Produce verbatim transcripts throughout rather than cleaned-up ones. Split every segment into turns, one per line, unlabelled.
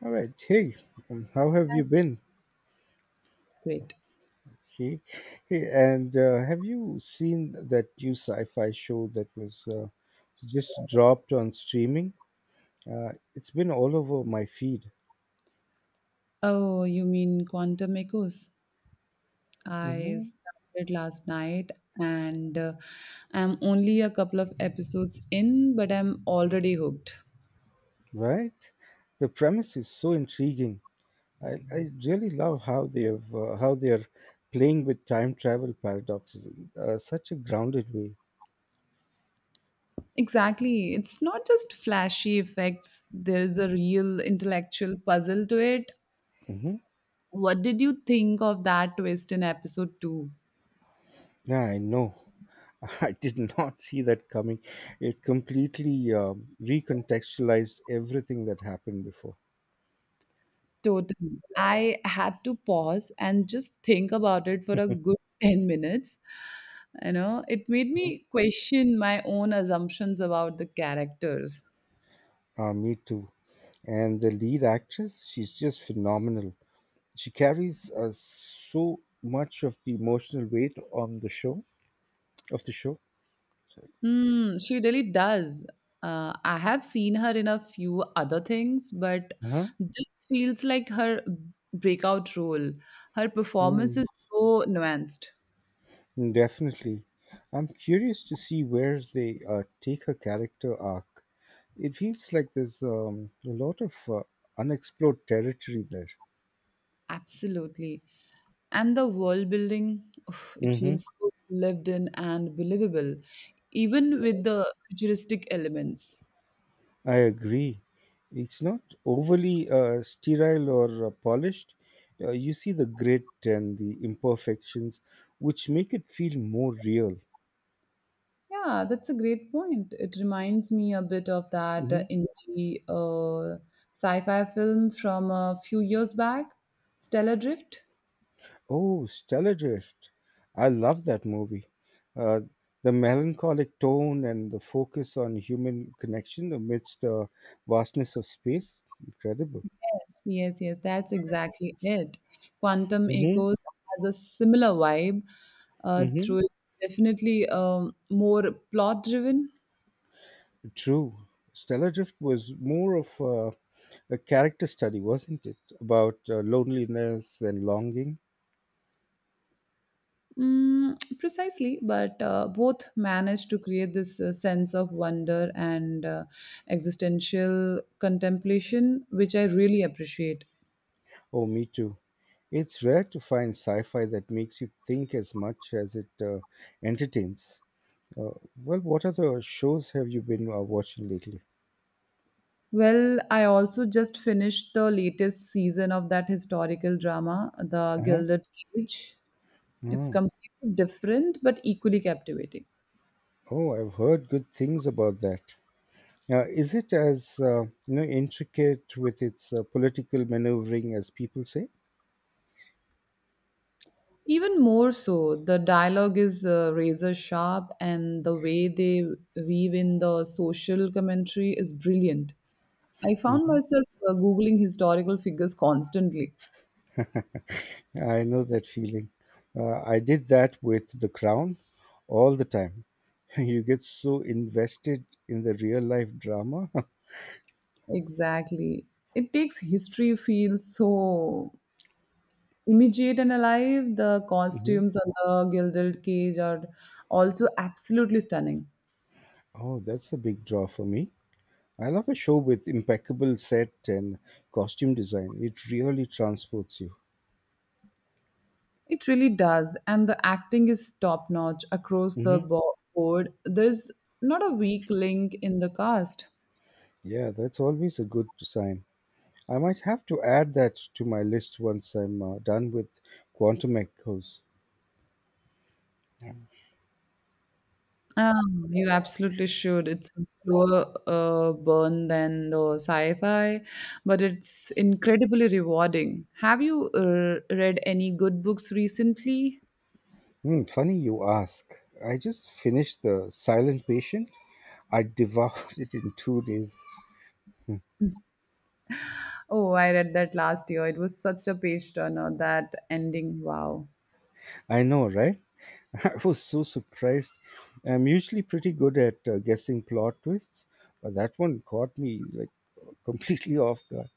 All right. Hey, um, how have you been?
Great.
Hey, hey and uh, have you seen that new sci-fi show that was uh, just dropped on streaming? Uh, it's been all over my feed.
Oh, you mean Quantum Echoes? I
Hmm.
started last night and uh, I'm only a couple of episodes in, but I'm already hooked.
Right? The premise is so intriguing. I, I really love how they have uh, how they are playing with time travel paradoxes in uh, such a grounded way.
Exactly. It's not just flashy effects, there's a real intellectual puzzle to it.
Hmm.
What did you think of that twist in episode two?
Yeah, I know. I did not see that coming. It completely uh, recontextualized everything that happened before.
Totally. I had to pause and just think about it for a good ten minutes. You know, it made
Mhm.
me question my own assumptions about the characters.
Uh, me too. And the lead actress, she's just phenomenal. She carries uh, so much of the emotional weight on the show of the show. Sorry.
Hmm, she really does. Uh, I have seen her in a few other things, but
Uh-huh.
this feels like her breakout role. Her performance is so nuanced.
Definitely. I'm curious to see where they uh, take her character arc. It feels like there's um, a lot of uh, unexplored territory there.
Absolutely. And the world building, oof, it
Hmm.
feels so lived in and believable, even with the futuristic elements.
I agree. It's not overly uh, sterile or uh, polished. Uh, you see the grit and the imperfections, which make it feel more real.
Yeah, that's a great point. It reminds me a bit of that uh, indie uh, sci-fi film from a few years back, Stellar Drift.
Oh, Stellar Drift. I love that movie. Uh, the melancholic tone and the focus on human connection amidst the vastness of space. Incredible.
Yes, yes, that's exactly it. Quantum
Mm-hmm.
Echoes has a similar vibe uh,
Mm-hmm.
through it's definitely um, more plot driven.
True. Stellar Drift was more of a, a character study, wasn't it? About uh, loneliness and longing.
Mm, precisely, but uh, both manage to create this uh, sense of wonder and uh, existential contemplation, which I really appreciate.
Oh, me too. It's rare to find sci fi that makes you think as much as it uh, entertains. Uh, well, what other shows have you been uh, watching lately?
Well, I also just finished the latest season of that historical drama, The
Uh-huh.
Gilded Cage. It's
Oh,
completely different but equally captivating.
oh, I've heard good things about that. Uh, is it as uh, you know intricate with its uh, political maneuvering as people say?
Even more so, the dialogue is uh, razor sharp, and the way they weave in the social commentary is brilliant. I found
Mhm.
myself uh, Googling historical figures constantly.
I know that feeling. Uh, I did that with The Crown all the time. You get so invested in the real life drama.
Exactly. It takes history feel so immediate and alive. The
Mhm.
costumes on the gilded cage are also absolutely stunning.
Oh, that's a big draw for me. I love a show with impeccable set and costume design. It really transports you.
It really does. And the acting is top notch across the
Hmm.
bo- board. There's not a weak link in the cast.
Yeah, that's always a good sign. I might have to add that to my list once I'm uh, done with quantum echoes.
Um, you absolutely should. It's a slower uh, burn than the sci-fi, but it's incredibly rewarding. Have you uh, read any good books recently?
Hmm, funny you ask. I just finished The Silent Patient. I devoured it in two days.
Oh, I read that last year. It was such a page turner, that ending. Wow.
I know, right? I was so surprised. I'm usually pretty good at uh, guessing plot twists, but that one caught me like completely off guard.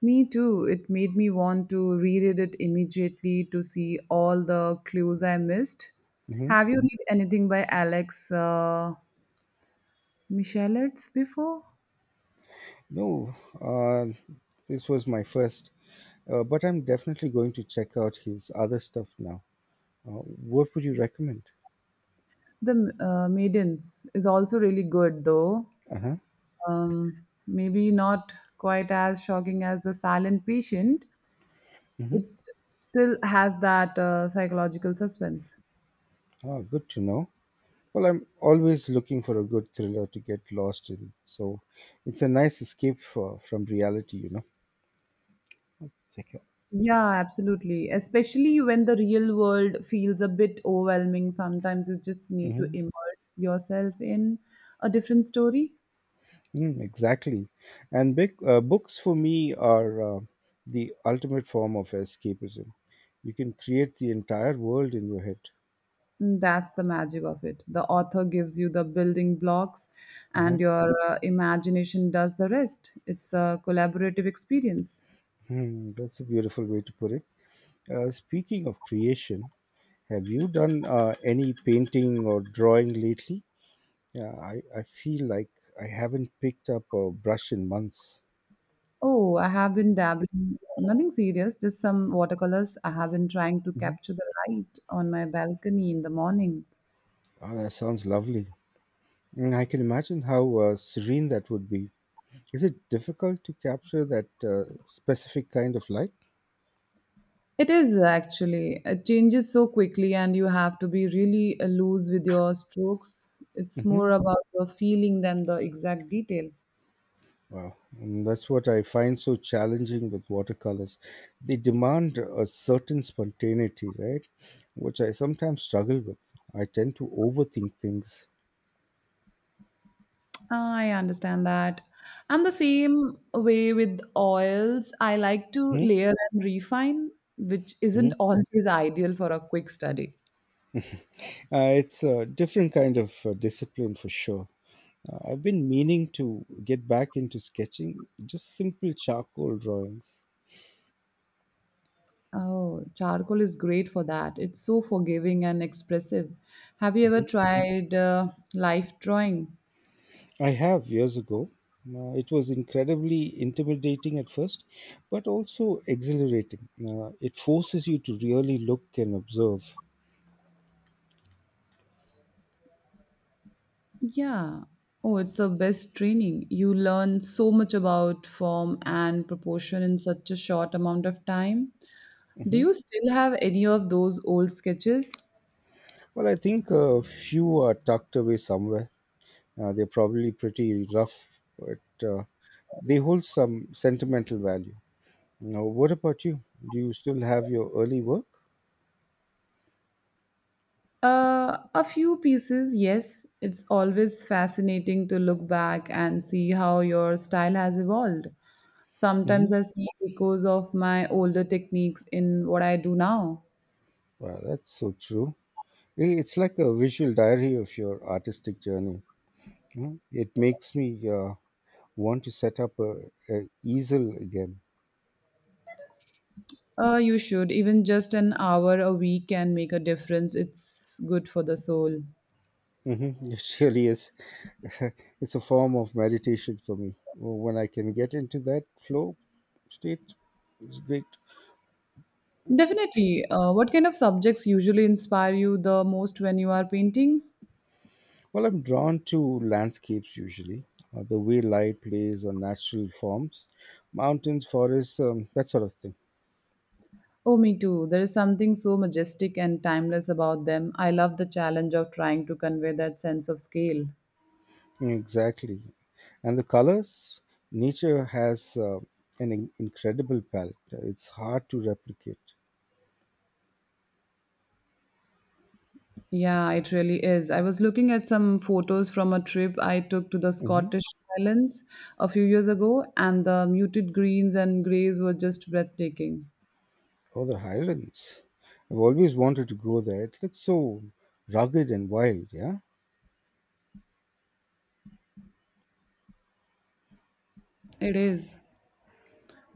Me too. It made me want to reread it immediately to see all the clues I missed.
Mm-hmm.
Have you read anything by Alex uh, Michalets before?
No, uh, this was my first, uh, but I'm definitely going to check out his other stuff now. Uh, what would you recommend?
The uh, Maidens is also really good, though.
Uh huh.
Um, maybe not quite as shocking as The Silent Patient. It still has that uh, psychological suspense.
Ah, good to know. Well, I'm always looking for a good thriller to get lost in, so it's a nice escape for, from reality, you know. Check out.
Yeah, absolutely. Especially when the real world feels a bit overwhelming, sometimes you just need
Hmm.
to immerse yourself in a different story.
Mm, exactly. And big uh, books for me are uh, the ultimate form of escapism. You can create the entire world in your head.
Mm, that's the magic of it. The author gives you the building blocks,
Uh-huh.
and your uh, imagination does the rest. It's a collaborative experience.
Hmm, that's a beautiful way to put it. Uh, speaking of creation, have you done uh, any painting or drawing lately? Yeah, I, I feel like I haven't picked up a brush in months.
Oh, I have been dabbling, nothing serious, just some watercolors. I have been trying to
Mhm.
capture the light on my balcony in the morning.
Oh, that sounds lovely. Mm, I can imagine how uh, serene that would be. Is it difficult to capture that uh, specific kind of light?
It is actually, it changes so quickly, and you have to be really uh, loose with your strokes. It's
Mhm.
more about the feeling than the exact detail.
Wow, and that's what I find so challenging with watercolors. They demand a certain spontaneity, right? Which I sometimes struggle with. I tend to overthink things.
I understand that. I'm the same way with oils. I like to
Hmm.
layer and refine, which
Hmm.
isn't always ideal for a quick study.
Uh, it's a different kind of uh, discipline for sure. Uh, I've been meaning to get back into sketching, just simple charcoal drawings.
Oh, charcoal is great for that. It's so forgiving and expressive. Have you ever tried uh, life drawing?
I have years ago. Uh, it was incredibly intimidating at first, but also exhilarating. Uh, it forces you to really look and observe.
Yeah. Oh, it's the best training. You learn so much about form and proportion in such a short amount of time. Do
Hmm.
you still have any of those old sketches?
Well, I think a few are tucked away somewhere. Uh, they're probably pretty rough, but uh, they hold some sentimental value. Now, what about you? Do you still have your early work?
Uh, a few pieces, yes. It's always fascinating to look back and see how your style has evolved.
Hmm.
Sometimes I see echoes of my older techniques in what I do now.
Wow, that's so true. I- It's like a visual diary of your artistic journey. Mm, it makes me uh, want to set up a, a easel again.
Uh, you should. Even just an hour a week can make a difference. It's good for the soul.
Hmm. It really is. It's a form of meditation for me. Well, when I can get into that flow state, it's great.
Definitely. Uh, what kind of subjects usually inspire you the most when you are painting?
Well, I'm drawn to landscapes usually, uh, the way light plays on natural forms, mountains, forests, um, that sort of thing.
Oh, me too. There is something so majestic and timeless about them. I love the challenge of trying to convey that sense of scale.
Exactly. And the colors, nature has uh, an in- incredible palette. It's hard to replicate.
Yeah, it really is. I was looking at some photos from a trip I took to the Scottish Highlands a few years ago, and the muted greens and grays were just breathtaking.
Oh, the highlands. I've always wanted to go there. It looks so rugged and wild, yeah?
It is.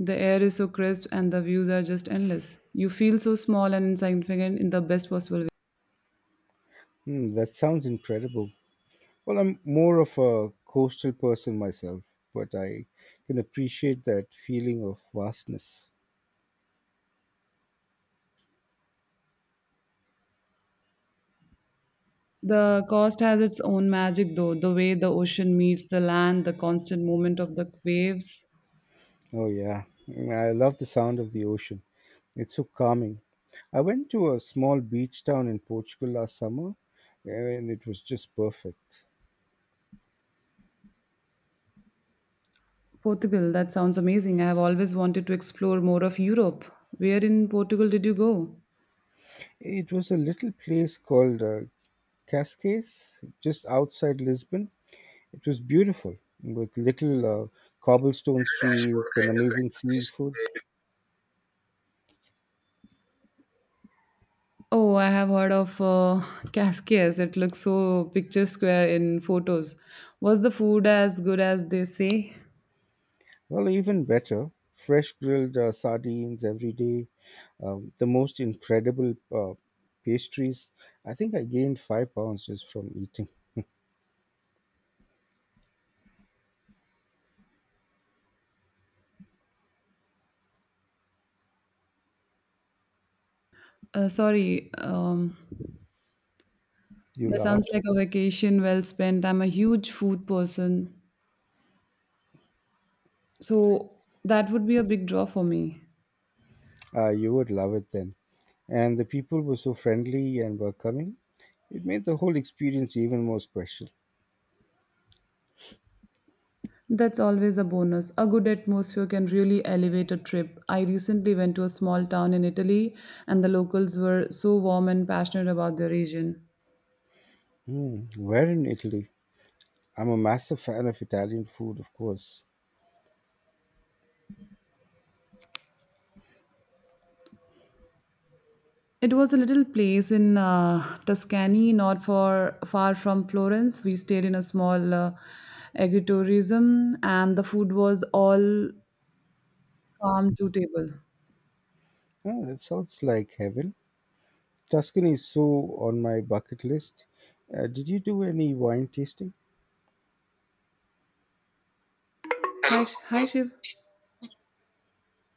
The air is so crisp, and the views are just endless. You feel so small and insignificant in the best possible way.
Hmm, that sounds incredible. Well, I'm more of a coastal person myself, but I can appreciate that feeling of vastness.
The coast has its own magic, though the way the ocean meets the land, the constant movement of the waves.
Oh, yeah. Mm, I love the sound of the ocean. It's so calming. I went to a small beach town in Portugal last summer, and it was just perfect.
Portugal, that sounds amazing. I have always wanted to explore more of Europe. Where in Portugal did you go?
It was a little place called uh, Cascais, just outside Lisbon. It was beautiful with little uh, cobblestone streets and
Kind of
amazing
interface.
seafood.
Oh, I have heard of uh, Casquias. It looks so picture square in photos. Was the food as good as they say?
Well, even better, fresh grilled uh, sardines every day, um, the most incredible uh, pastries. I think I gained five pounds just from eating.
Uh, sorry, um,
You
that
laugh.
sounds like a vacation well spent. I'm a huge food person, so that would be a big draw for me.
Uh, you would love it then. And the people were so friendly and welcoming. It made the whole experience even more special.
That's always a bonus. A good atmosphere can really elevate a trip. I recently went to a small town in Italy, and the locals were so warm and passionate about their region.
Hmm, where in Italy? I'm a massive fan of Italian food, of course.
It was a little place in uh, Tuscany, not for far from Florence. We stayed in a small uh, agritourism, and the food was all farm to table.
Oh, that sounds like heaven. Tuscany is so on my bucket list. Uh, did you do any wine tasting?
Hello. Hi, Sh- hi, Shiv.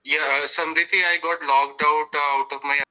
Yeah, uh, Samriti, I got logged out uh, out of my.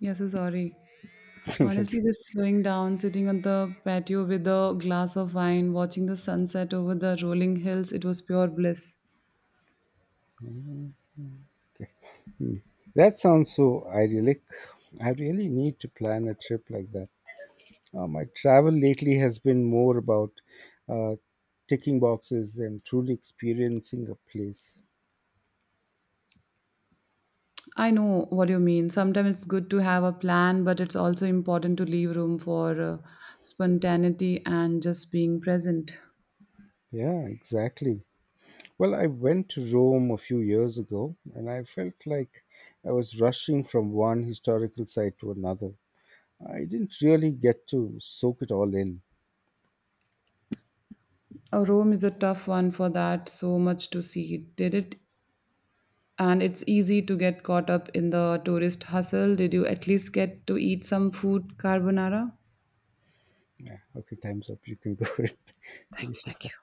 Yes, so sorry.
That's
Honestly, just slowing down, sitting on the patio with a glass of wine, watching the sunset over the rolling hills, it was pure bliss.
okay. Hmm. That sounds so idyllic. I really need to plan a trip like that. Uh, my travel lately has been more about uh, ticking boxes than truly experiencing a place.
I know what you mean. Sometimes it's good to have a plan, but it's also important to leave room for uh, spontaneity and just being present.
Yeah, exactly. Well, I went to Rome a few years ago and I felt like I was rushing from one historical site to another. I didn't really get to soak it all in.
Uh, Rome is a tough one for that, so much to see. Did it? And it's easy to get caught up in the tourist hustle. Did you at least get to eat some food carbonara?
Yeah, okay, time's up. You can go and
Thank you,
finish your
thank
stuff.
you.